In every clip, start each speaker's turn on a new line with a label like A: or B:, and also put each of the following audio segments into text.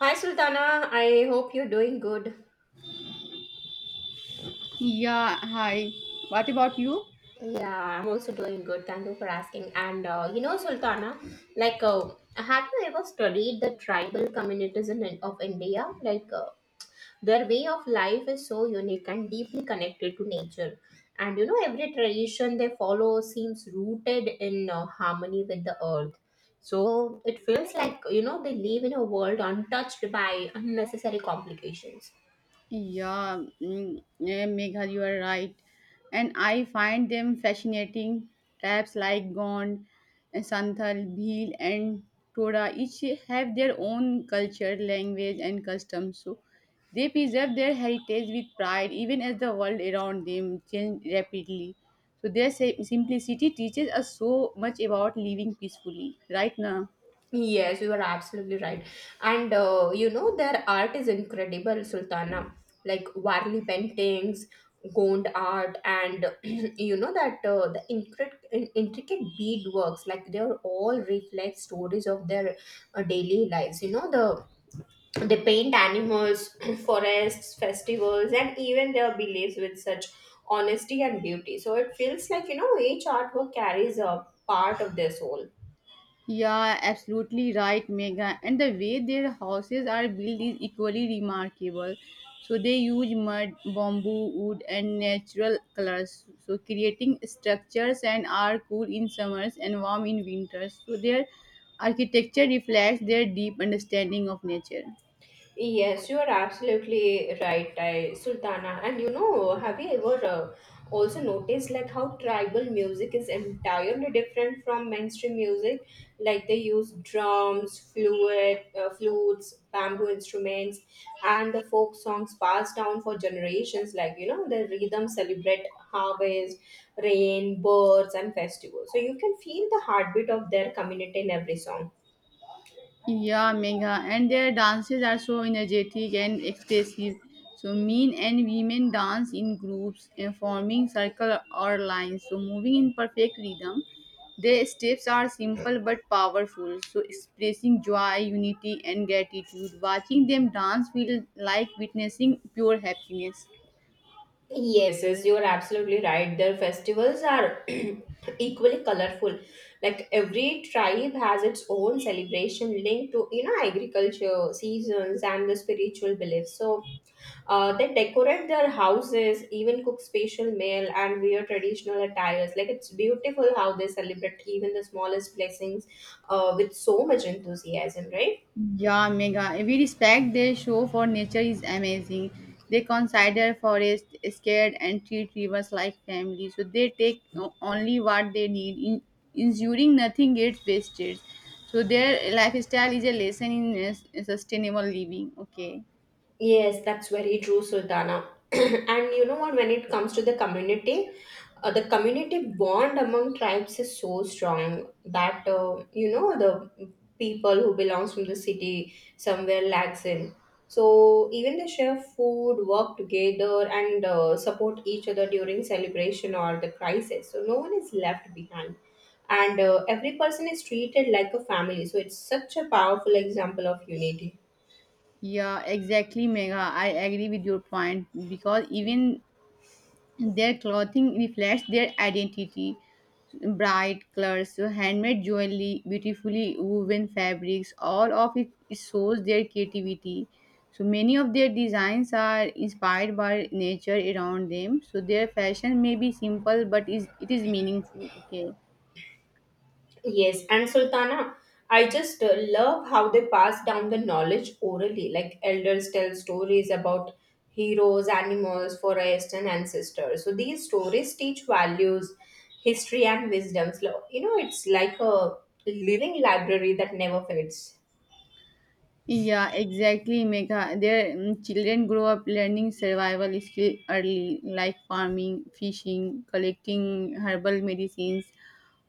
A: Hi Sultana, I hope you're doing good.
B: Yeah, hi. What about you?
A: Yeah, I'm also doing good. Thank you for asking. And Sultana, like, uh, have you ever studied the tribal communities of India? Their way of life is so unique and deeply connected to nature. And you know, every tradition they follow seems rooted in harmony with the earth. So it feels like, you know, they live in a world untouched by unnecessary complications.
B: Yeah, yeah, Megha, you are right. And I find them fascinating. Tribes like Gond, Santhal, Bhil, and Toda each have their own culture, language, and customs. So they preserve their heritage with pride, even as the world around them changes rapidly. So their simplicity teaches us so much about living peacefully, right now.
A: Yes, you are absolutely right. And you know, their art is incredible, Sultana. Like Warli paintings, Gond art, and you know that the intricate bead works, like they are all reflect stories of their daily lives. You know, they paint animals, forests, festivals, and even their beliefs with such honesty and beauty. So it feels like you know each artwork carries a part of their soul.
B: Yeah, absolutely right, Mega. And the way their houses are built is equally remarkable. So they use mud, bamboo, wood, and natural colors. So creating structures and are cool in summers and warm in winters. So their architecture reflects their deep understanding of nature.
A: Yes, you are absolutely right, Sultana. And you know, have you ever also noticed like how tribal music is entirely different from mainstream music? Like they use flutes, bamboo instruments, and the folk songs passed down for generations. Like you know, the rhythms celebrate harvest, rain, birds, and festivals. So you can feel the heartbeat of their community in every song.
B: Yeah, Megha. And their dances are so energetic and expressive. So men and women dance in groups and forming circle or lines. So moving in perfect rhythm. Their steps are simple but powerful. So expressing joy, unity and gratitude. Watching them dance feels like witnessing pure happiness.
A: Yes, you are absolutely right. Their festivals are equally colorful. Like every tribe has its own celebration linked to you know agriculture, seasons, and the spiritual beliefs. So they decorate their houses, even cook special meal, and wear traditional attires. Like it's beautiful how they celebrate even the smallest blessings, with so much enthusiasm, right?
B: Yeah, mega. We respect their show for nature is amazing. They consider forest scared and treat rivers like family. So they take only what they need, in, ensuring nothing gets wasted. So their lifestyle is a lesson in sustainable living. Okay.
A: Yes, that's very true, Sultana. And you know what, when it comes to the community bond among tribes is so strong that, you know, the people who belongs from the city somewhere lags in. So even they share food, work together and support each other during celebration or the crisis. So no one is left behind. And every person is treated like a family. So it's such a powerful example of unity.
B: Yeah, exactly, Mega. I agree with your point because even their clothing reflects their identity. Bright colors, handmade jewelry, beautifully woven fabrics, all of it shows their creativity. So many of their designs are inspired by nature around them. So their fashion may be simple, but is it is meaningful. Okay.
A: Yes, and Sultana, I just love how they pass down the knowledge orally. Like elders tell stories about heroes, animals, forests, and ancestors. So these stories teach values, history, and wisdoms. You know, it's like a living library that never fades.
B: Yeah, exactly, Megha. Their children grow up learning survival skill early, like farming, fishing, collecting herbal medicines,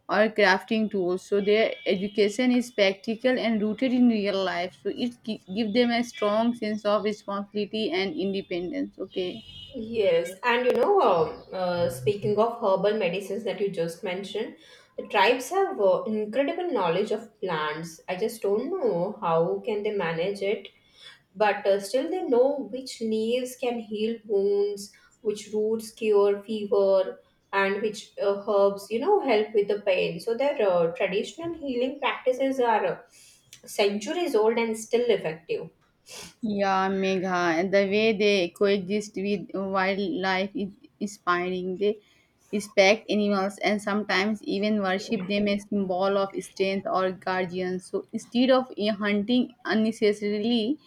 B: or crafting tools, so their education is practical and rooted in real life, so it give them a strong sense of responsibility and independence. Okay.
A: Yes, and you know, speaking of herbal medicines that you just mentioned, the tribes have incredible knowledge of plants. I just don't know how can they manage it but still they know which leaves can heal wounds, which roots cure fever, and which herbs, you know, help with the pain. So their traditional healing practices are centuries old and still effective.
B: Yeah, Megha, and the way they coexist with wildlife is inspiring. They respect animals and sometimes even worship them as symbol of strength or guardians. So instead of hunting unnecessarily,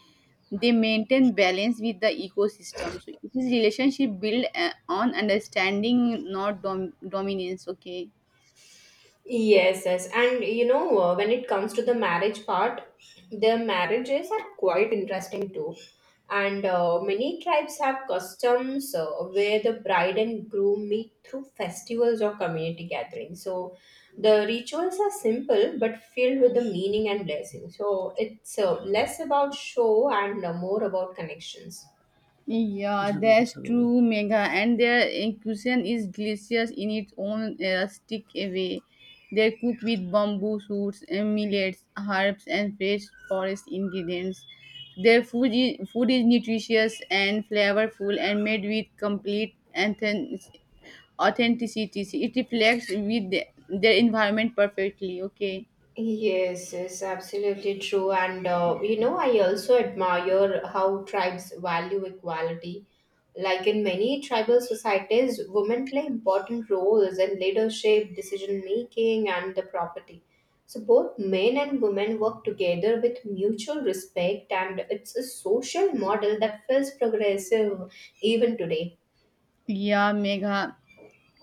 B: they maintain balance with the ecosystem. So it is relationship built on understanding, not dominance. Okay.
A: Yes, yes. And you know, when it comes to the marriage part, the marriages are quite interesting too. And many tribes have customs where the bride and groom meet through festivals or community gatherings. So the rituals are simple but filled with the meaning and blessing. So it's less about show and more about connections.
B: Yeah, that's so true, Megha. And their cuisine is delicious in its own rustic way. They cook with bamboo shoots, millets, herbs, and fresh forest ingredients. Their food is nutritious and flavorful and made with complete authenticity. It reflects with the, their environment perfectly. Okay.
A: Yes, absolutely true. And you know, I also admire how tribes value equality. Like in many tribal societies, women play important roles in leadership, decision making, and the property. So both men and women work together with mutual respect, and it's a social model that feels progressive even today.
B: Yeah, Megha.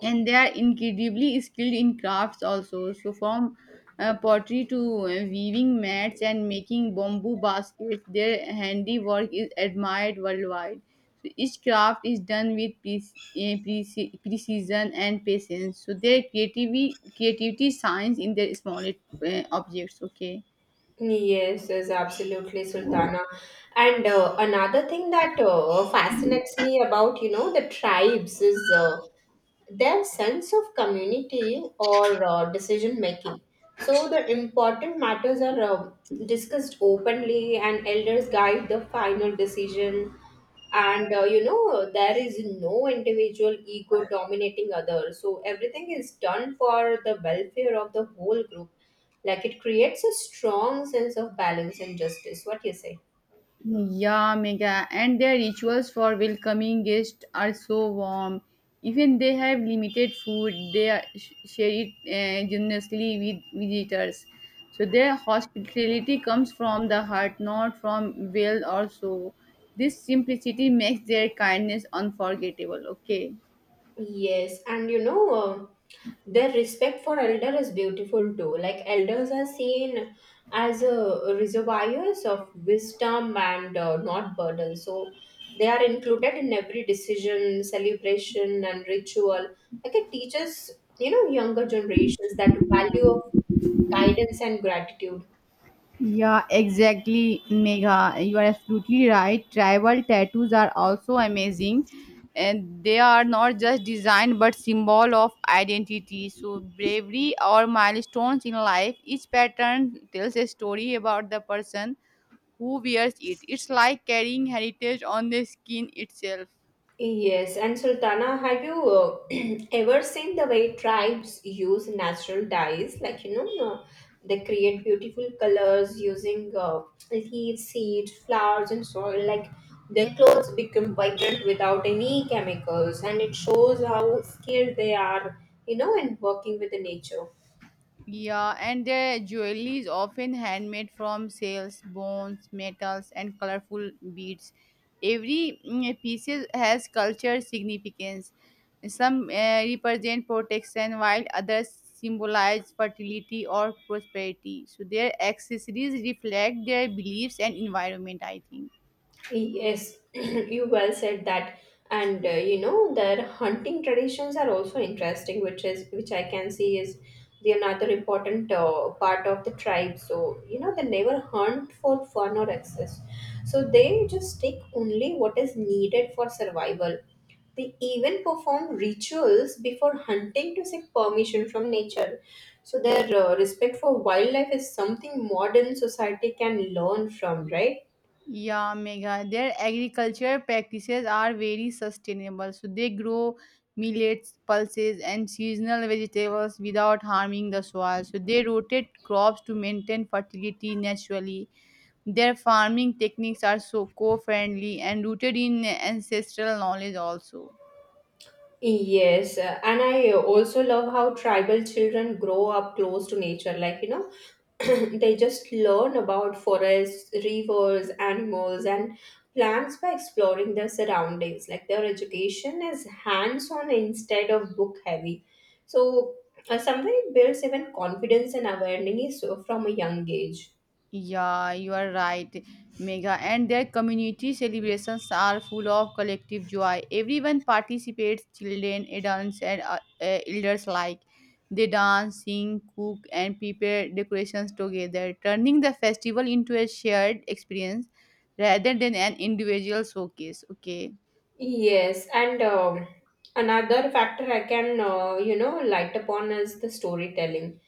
B: And they are incredibly skilled in crafts also, so from pottery to weaving mats and making bamboo baskets, their handiwork is admired worldwide. So each craft is done with precision and patience. So their creativity shines in their small objects. Okay.
A: Yes, absolutely, Sultana. And another thing that fascinates me about, you know, the tribes is their sense of community or decision making. So the important matters are discussed openly, and elders guide the final decision. And you know, there is no individual ego dominating others. So everything is done for the welfare of the whole group. Like it creates a strong sense of balance and justice. What do you say?
B: Yeah, mega. And their rituals for welcoming guests are so warm. Even they have limited food, they share it generously with visitors. So their hospitality comes from the heart, not from wealth or so. This simplicity makes their kindness unforgettable. Okay.
A: Yes, and you know, their respect for elder is beautiful too. Like elders are seen as reservoirs of wisdom and not burden. So they are included in every decision, celebration, and ritual. Like it teaches, you know, younger generations that value of guidance and gratitude.
B: Yeah, exactly, Megha. You are absolutely right. Tribal tattoos are also amazing, and they are not just design but symbol of identity. So bravery or milestones in life. Each pattern tells a story about the person who wears it. It's like carrying heritage on the skin itself.
A: Yes, and Sultana, have you ever seen the way tribes use natural dyes? They create beautiful colors using leaves, seeds, flowers, and soil. Like, their clothes become vibrant without any chemicals, and it shows how skilled they are, you know, in working with the nature.
B: Yeah, and their jewelry is often handmade from shells, bones, metals, and colorful beads. Every piece has cultural significance. Some represent protection, while others symbolize fertility or prosperity. So their accessories reflect their beliefs and environment, I think.
A: Yes, you well said that. And you know, their hunting traditions are also interesting, which I can see is the another important part of the tribe. So you know, they never hunt for fun or excess. So they just take only what is needed for survival. They even perform rituals before hunting to seek permission from nature. So their respect for wildlife is something modern society can learn from, right?
B: Yeah, Megha. Their agriculture practices are very sustainable. So they grow millets, pulses, and seasonal vegetables without harming the soil. So they rotate crops to maintain fertility naturally. Their farming techniques are so co-friendly and rooted in ancestral knowledge also.
A: Yes, and I also love how tribal children grow up close to nature. Like, you know, they just learn about forests, rivers, animals, and plants by exploring their surroundings. Like, their education is hands on instead of book heavy. So, somewhere it builds even confidence and awareness from a young age.
B: Yeah, you are right, Mega. And their community celebrations are full of collective joy. Everyone participates, children, adults, and elders alike. They dance, sing, cook, and prepare decorations together, turning the festival into a shared experience rather than an individual showcase. Okay.
A: Yes, and another factor I can, you know, light upon is the storytelling.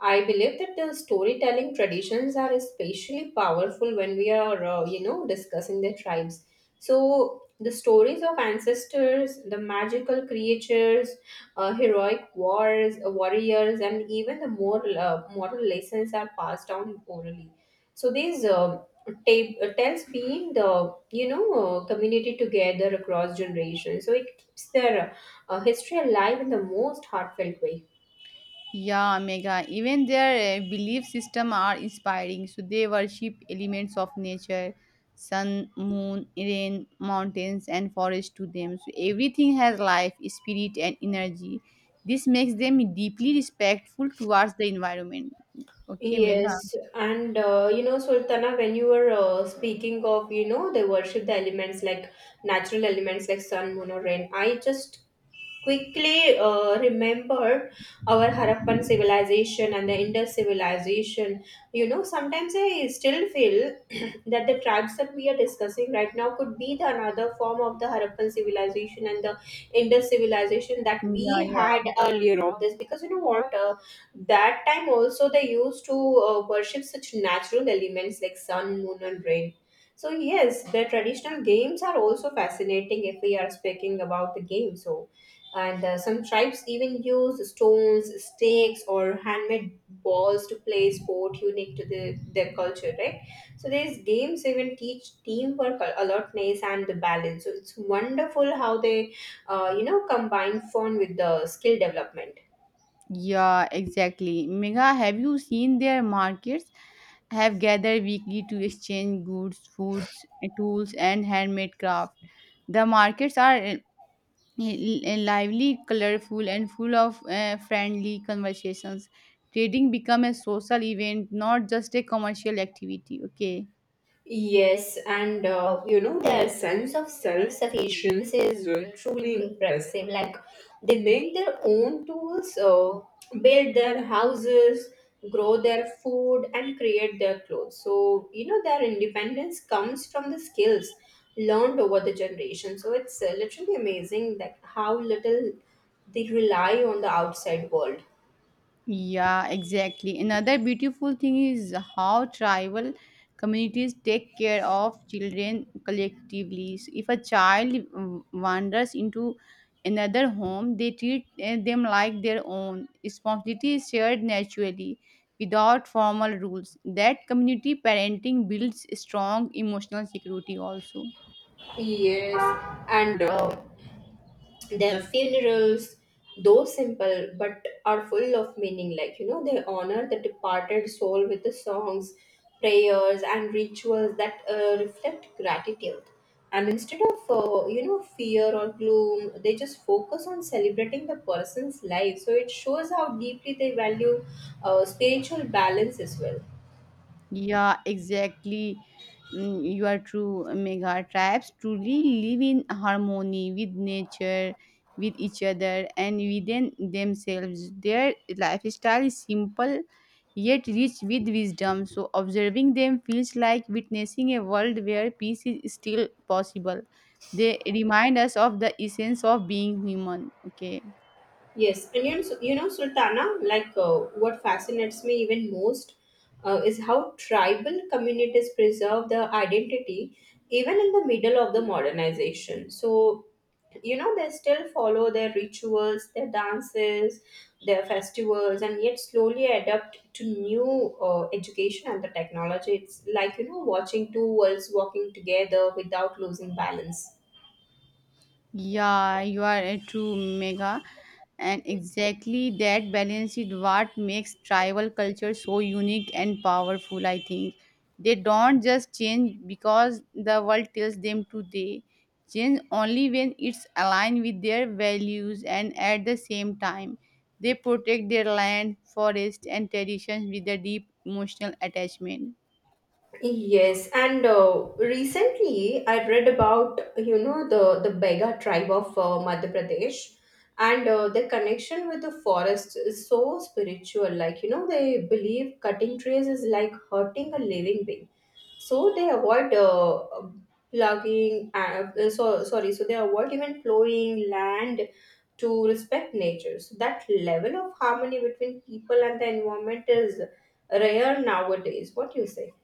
A: I believe that the storytelling traditions are especially powerful when we are, you know, discussing the tribes. So the stories of ancestors, the magical creatures, heroic warriors, and even the moral lessons are passed down orally. So these tells being the you know community together across generations, so it keeps their history alive in the most heartfelt way.
B: Yeah, mega. Even their belief system are inspiring. So they worship elements of nature, sun, moon, rain, mountains, and forest to them. So everything has life, spirit, and energy. This makes them deeply respectful towards the environment. Okay, mega.
A: Yes, and you know, Sultana, when you were speaking of you know they worship the elements like natural elements like sun, moon or rain, I just quickly remembered our Harappan civilization and the Indus civilization. You know, sometimes I still feel that the tribes that we are discussing right now could be the another form of the Harappan civilization and the Indus civilization that
B: Yeah,
A: we
B: yeah.
A: had earlier of this. Because you know what, that time also they used to worship such natural elements like sun, moon, and rain. So yes, the traditional games are also fascinating if we are speaking about the game. So, and some tribes even use stones, stakes, or handmade balls to play sport unique to their culture, right? So these games even teach teamwork, alertness, and the balance. So it's wonderful how they, you know, combine fun with the skill development.
B: Yeah, exactly, Megha. Have you seen their markets? Have gathered weekly to exchange goods, foods, and tools, and handmade craft. The markets are lively, colorful, and full of friendly conversations. Trading become a social event, not just a commercial activity. Okay.
A: Yes, and you know, their sense of self sufficiency is truly impressive. Like, they make their own tools, build their houses, grow their food, and create their clothes. So, you know, their independence comes from the skills learned over the generation. So, it's literally amazing that how little they rely on the outside world.
B: Yeah, exactly. Another beautiful thing is how tribal communities take care of children collectively. So if a child wanders into another home, they treat them like their own. Responsibility is shared naturally without formal rules. That community parenting builds strong emotional security also.
A: Yes, and their funerals though simple but are full of meaning, like you know they honor the departed soul with the songs, prayers and rituals that reflect gratitude, and instead of you know fear or gloom they just focus on celebrating the person's life. So it shows how deeply they value spiritual balance as well.
B: Yeah, exactly. You are true, Mega. Tribes truly live in harmony with nature, with each other, and within themselves. Their lifestyle is simple yet rich with wisdom. So, observing them feels like witnessing a world where peace is still possible. They remind us of the essence of being human. Okay.
A: Yes, and you know, so, you know Sultana, what fascinates me even most is how tribal communities preserve their identity even in the middle of the modernization. So, you know, they still follow their rituals, their dances, their festivals, and yet slowly adapt to new education and the technology. It's like, you know, watching two worlds walking together without losing balance.
B: Yeah, you are a true mega. And exactly that balance is what makes tribal culture so unique and powerful, I think. They don't just change because the world tells them to, they change only when it's aligned with their values, and at the same time they protect their land, forest and traditions with a deep emotional attachment.
A: Yes, and recently I read about you know the Bega tribe of Madhya Pradesh, and their connection with the forest is so spiritual. Like you know, they believe cutting trees is like hurting a living being, so they avoid plugging. So sorry, so they avoid even plowing land to respect nature. So that level of harmony between people and the environment is rare nowadays. What do you say?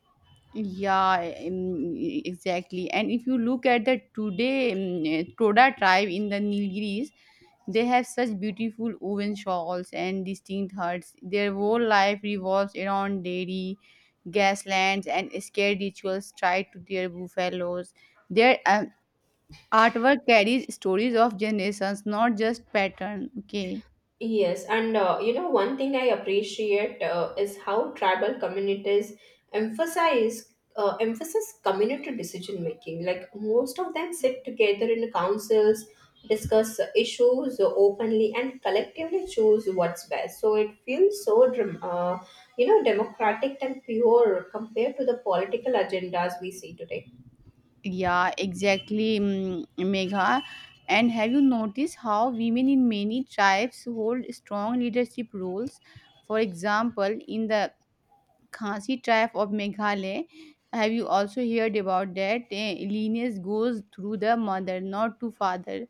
B: Yeah, exactly. And if you look at the today Toda tribe in the Nilgiris, they have such beautiful woven shawls and distinct huts. Their whole life revolves around dairy, gaslands, and scared rituals tied to their buffaloes. Their artwork carries stories of generations, not just pattern. Okay.
A: Yes, and you know, one thing I appreciate is how tribal communities emphasize emphasis community decision making. Like most of them sit together in councils, discuss issues openly, and collectively choose what's best. So it feels so, you know, democratic and pure compared to the political agendas we see today.
B: Yeah, exactly, Megha. And have you noticed how women in many tribes hold strong leadership roles? For example, in the Khasi tribe of Meghalaya, have you also heard about that? Lineage goes through the mother, not to father.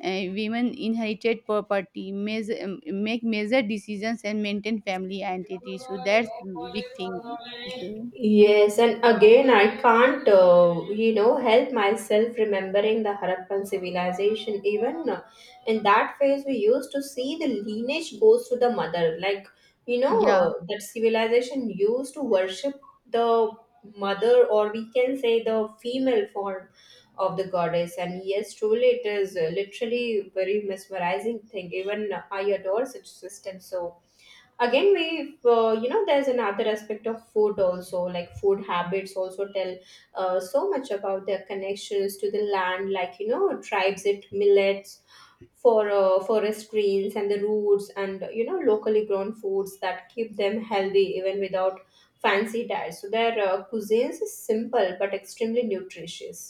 B: Women inherited property, measure, make major decisions, and maintain family identity. So that's big thing. Okay.
A: Yes, and again, I can't, you know, help myself remembering the Harappan civilization. Even in that phase, we used to see the lineage goes to the mother. Like, you know,
B: Yeah,
A: that civilization used to worship the mother, or we can say the female form of the goddess. And yes, truly, it is literally very mesmerizing thing. Even I adore such system. So, again we there's another aspect of food also, like food habits also tell so much about their connections to the land. Like, tribes eat millets for forest greens and the roots, and locally grown foods that keep them healthy even without fancy diets. So their cuisines is simple but extremely nutritious.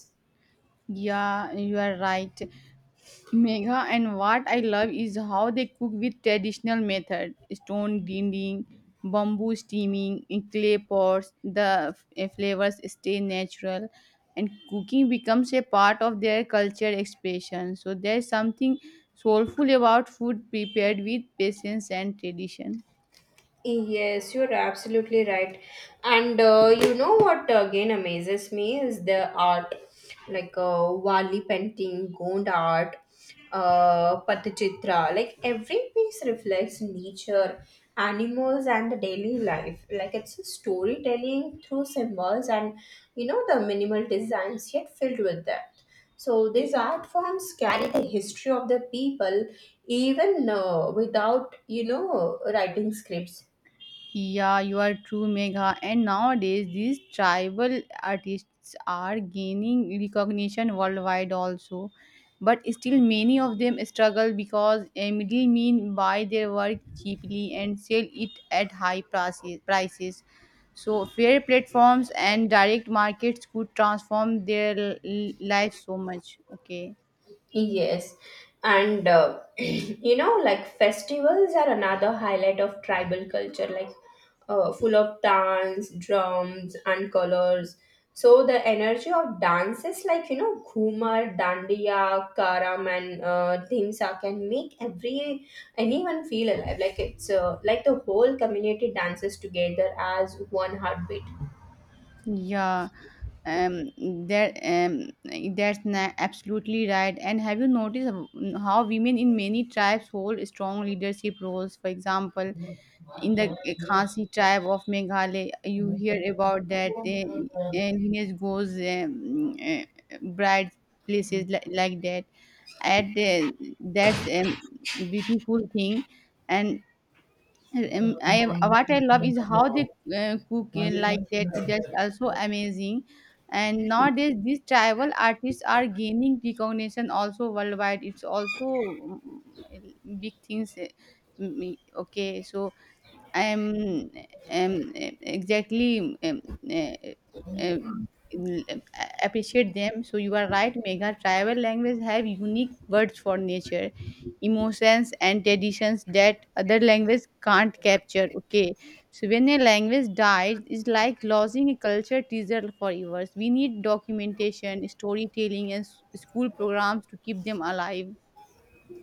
B: yeah, you are right, Megha. And what I love is how they cook with traditional method stone grinding, bamboo steaming, in clay pots. The flavors stay natural, and cooking becomes a part of their culture expression. So there's something soulful about food prepared with patience and tradition.
A: Yes, you're absolutely right. And what again amazes me is the art, like Wali painting, Gond art, Patchitra. Like every piece reflects nature, animals, and the daily life. Like it's a storytelling through symbols and the minimal designs yet filled with depth. So these art forms carry the history of the people even without writing scripts.
B: Yeah, you are true, Megha. And nowadays, these tribal artists are gaining recognition worldwide also. But still, many of them struggle because a middleman buy their work cheaply and sell it at high prices. So, fair platforms and direct markets could transform their life so much. Okay.
A: Yes, and like festivals are another highlight of tribal culture, like full of dance, drums, and colors. So the energy of dances like Ghumar, Dandiya, Karam, and Dhimsa can make every anyone feel alive. Like the whole community dances together as one heartbeat.
B: Yeah, um, that um, that's absolutely right. And have you noticed how women in many tribes hold strong leadership roles? For example, in the Khasi tribe of Meghalaya, you hear about that lineage goes bright places like that. At That's a beautiful thing, and I what I love is how they cook like that. That's also amazing. And nowadays, these tribal artists are gaining recognition also worldwide. It's also big things. Okay, so um, um, exactly. Uh, uh, Appreciate them. So you are right, Megha. Tribal language have unique words for nature, emotions, and traditions that other language can't capture. Okay, so when a language dies, it's like losing a culture treasure for years. We need documentation, storytelling, and school programs to keep them alive.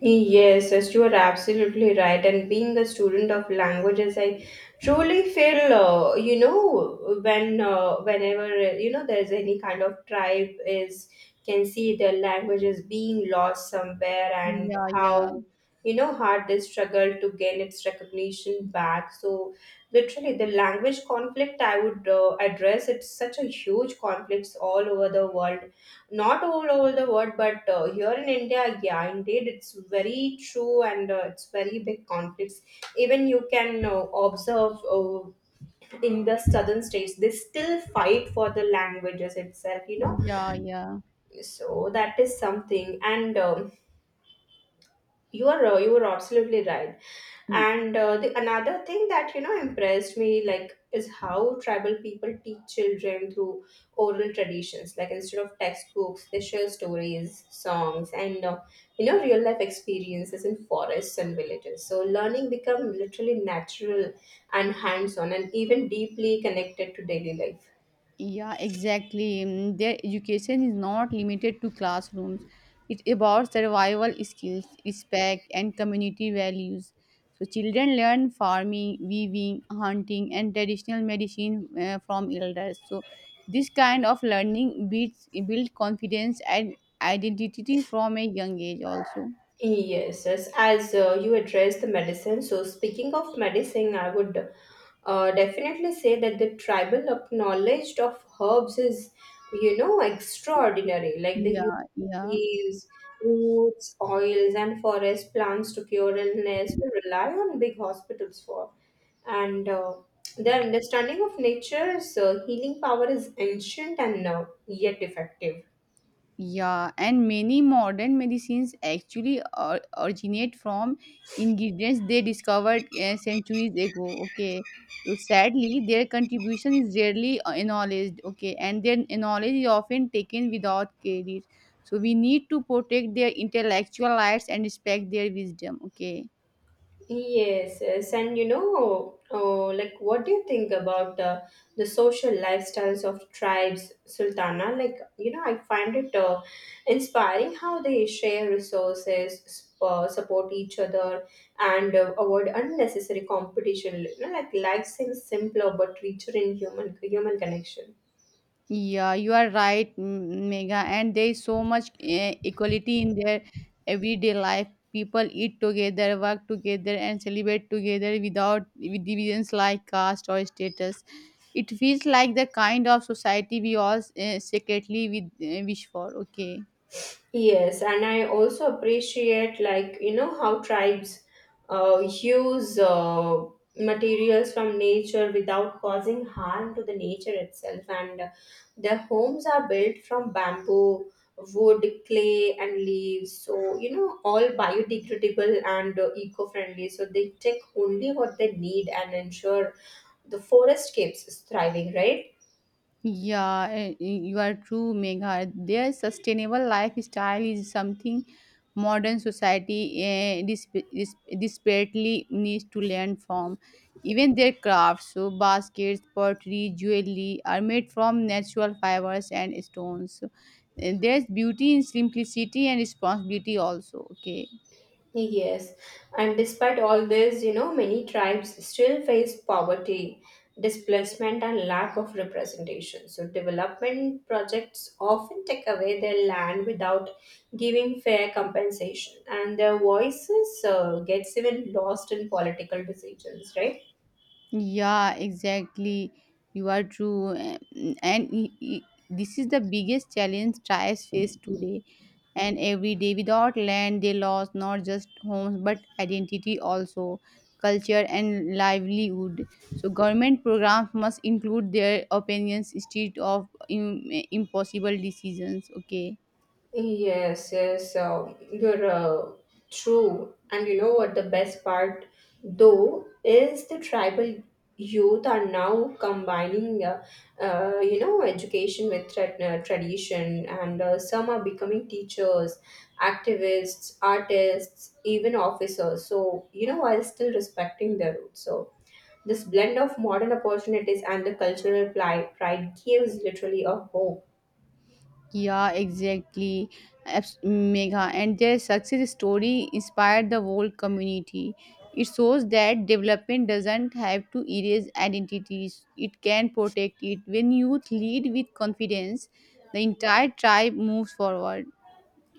A: Yes, yes, you are absolutely right. And being a student of languages, I truly feel, you know, when whenever you know there's any kind of tribe is, can see their languages being lost somewhere, and
B: Yeah, yeah,
A: how hard they struggle to gain its recognition back. So literally, the language conflict, I would address it's such a huge conflicts all over the world. Not all over the world, but here in India. Yeah, indeed, it's very true, and it's very big conflicts. Even you can observe in the southern states they still fight for the languages itself,
B: yeah.
A: so that is something. And you are you were absolutely right. And the another thing that impressed me, like, is how tribal people teach children through oral traditions. Like, instead of textbooks, they share stories, songs, and real life experiences in forests and villages. So learning become literally natural and hands on, and even deeply connected to daily life.
B: Yeah, exactly. Their education is not limited to classrooms. It's about survival skills, respect, and community values. So children learn farming, weaving, hunting, and traditional medicine from elders. So this kind of learning builds build confidence and identity from a young age also.
A: Yes, yes. As you address the medicine, so speaking of medicine, I would definitely say that the knowledge of herbs is, extraordinary. Like the use
B: Yeah,
A: of
B: yeah.
A: leaves, roots, oils, and forest plants to cure illness, we rely on big hospitals for. And the understanding of nature's healing power is ancient and yet effective.
B: Yeah, and many modern medicines actually originate from ingredients they discovered centuries ago. Okay, so sadly, their contribution is rarely acknowledged. Okay, and their knowledge is often taken without credit. So we need to protect their intellectual rights and respect their wisdom. Okay.
A: Yes, yes, and oh, like, what do you think about the social lifestyles of tribes, Sultana? Like, I find it inspiring how they share resources, support each other, and avoid unnecessary competition. You know, like, life seems simpler but richer in human connection.
B: Yeah, you are right, Megha. And there is so much equality in their everyday life. People eat together, work together, and celebrate together without with divisions like caste or status. It feels like the kind of society we all secretly wish for. Okay.
A: Yes, and I also appreciate, like, how tribes use materials from nature without causing harm to the nature itself. And their homes are built from bamboo, wood, clay, and leaves. So, all biodegradable and eco-friendly. So they take only what they need and ensure the forest keeps thriving, right?
B: Yeah, you are true, Megha. Their sustainable lifestyle is something modern society desperately needs to learn from. Even their crafts, so baskets, pottery, jewelry, are made from natural fibers and stones. So, there's beauty in simplicity and responsibility also. Okay.
A: Yes, and despite all this, many tribes still face poverty, displacement, and lack of representation. So development projects often take away their land without giving fair compensation, and their voices gets even lost in political decisions, right?
B: Yeah, exactly. You are true. And i- this is the biggest challenge tribes face today. And every day without land, they lost not just homes but identity also, culture and livelihood. So government programs must include their opinions instead of impossible decisions. Okay.
A: Yes, yes, you're true. And what the best part, though, is the tribal youth are now combining, education with tradition, and some are becoming teachers, activists, artists, even officers. So, while still respecting their roots. So this blend of modern opportunities and the pride gives literally a hope.
B: Yeah, exactly. Mega. And their success story inspired the whole community. It shows that development doesn't have to erase identities, it can protect it. When youth lead with confidence, the entire tribe moves forward.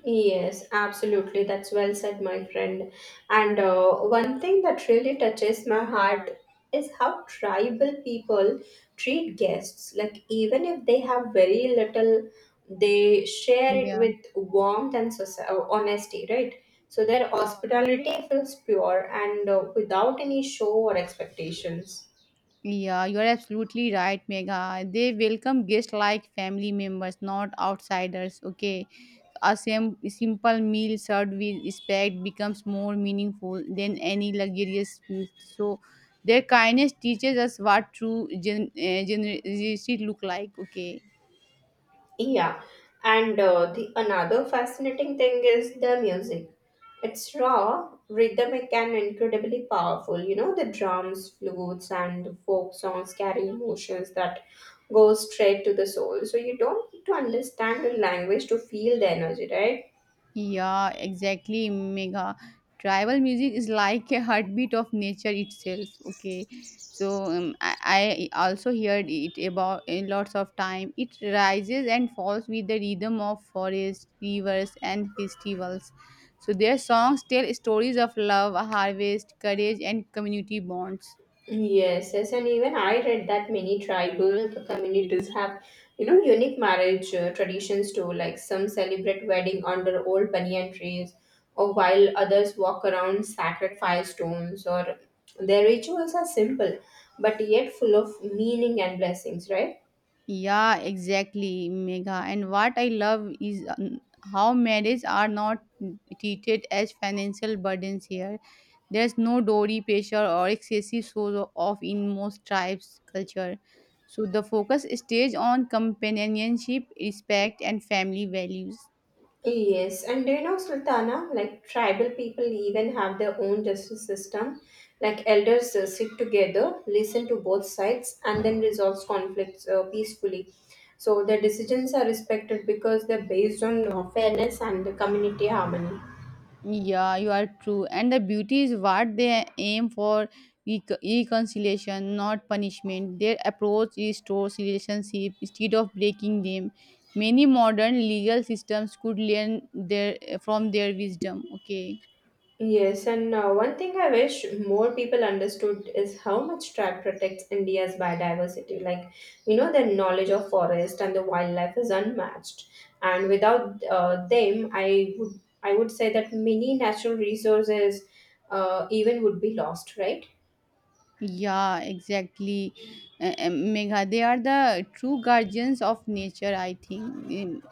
A: Yes, absolutely. That's well said, my friend. And one thing that really touches my heart is how tribal people treat guests. Like, even if they have very little, they share it
B: Yeah.
A: with warmth and honesty, right? So their hospitality feels pure and without any show or expectations.
B: Yeah, you're absolutely right, Megha. They welcome guests like family members, not outsiders. Okay, a simple meal served with respect becomes more meaningful than any luxurious meal. So, their kindness teaches us what true generosity look like. Okay.
A: Yeah, and the another fascinating thing is the music. It's raw, rhythmic, and incredibly powerful. You know, the drums, flutes, and folk songs carry emotions that go straight to the soul. So you don't need to understand the language to feel the energy, right?
B: Yeah, exactly, Mega. Tribal music is like a heartbeat of nature itself. Okay, so I also heard it about in lots of time. It rises and falls with the rhythm of forests, rivers, and festivals. So their songs tell stories of love, harvest, courage, and community bonds.
A: Yes, yes, and even I read that many tribal communities have, unique marriage traditions too. Like, some celebrate wedding under old banyan trees, or while others walk around sacred firestones. Or their rituals are simple, but yet full of meaning and blessings, right?
B: Yeah, exactly, Megha. And what I love is how marriage are not treated as financial burdens here. There's no dowry pressure or excessive show off in most tribes' culture. So the focus stays on companionship, respect, and family values.
A: Yes, and do you know, Sultana, like tribal people even have their own justice system. Like elders sit together, listen to both sides, and then resolves conflicts peacefully. So their decisions are respected because they're based on fairness and the community harmony.
B: Yeah, you are true. And the beauty is what they aim for reconciliation, not punishment. Their approach restores relationships instead of breaking them. Many modern legal systems could learn their from their wisdom. Okay.
A: Yes, and one thing I wish more people understood is how much track protects India's biodiversity. Like, the knowledge of forest and the wildlife is unmatched. And without them, I would say that many natural resources even would be lost, right?
B: Yeah, exactly. Megha, they are the true guardians of nature, I think.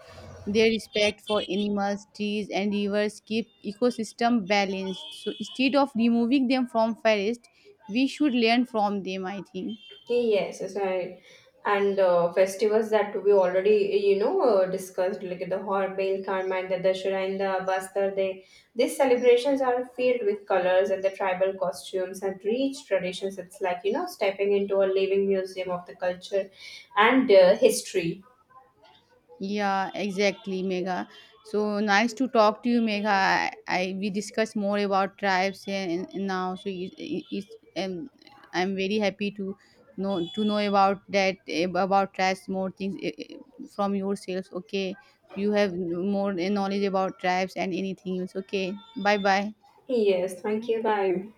B: Their respect for animals, trees, and rivers keep ecosystem balanced. So instead of removing them from forest, we should learn from them, I think.
A: Yes, yes, I, and festivals that we already discussed, like the Horbil, Karma, the Dashera, and the Bastar. They These celebrations are filled with colors and the tribal costumes and rich traditions. It's like, stepping into a living museum of the culture and history.
B: Yeah, exactly, Megha. So nice to talk to you, Megha. I we discussed more about tribes and now, so it's um, I'm very happy to know about that about tribes more things from yourselves. Okay, you have more knowledge about tribes and anything else. Okay, bye bye.
A: Yes, thank you. Bye.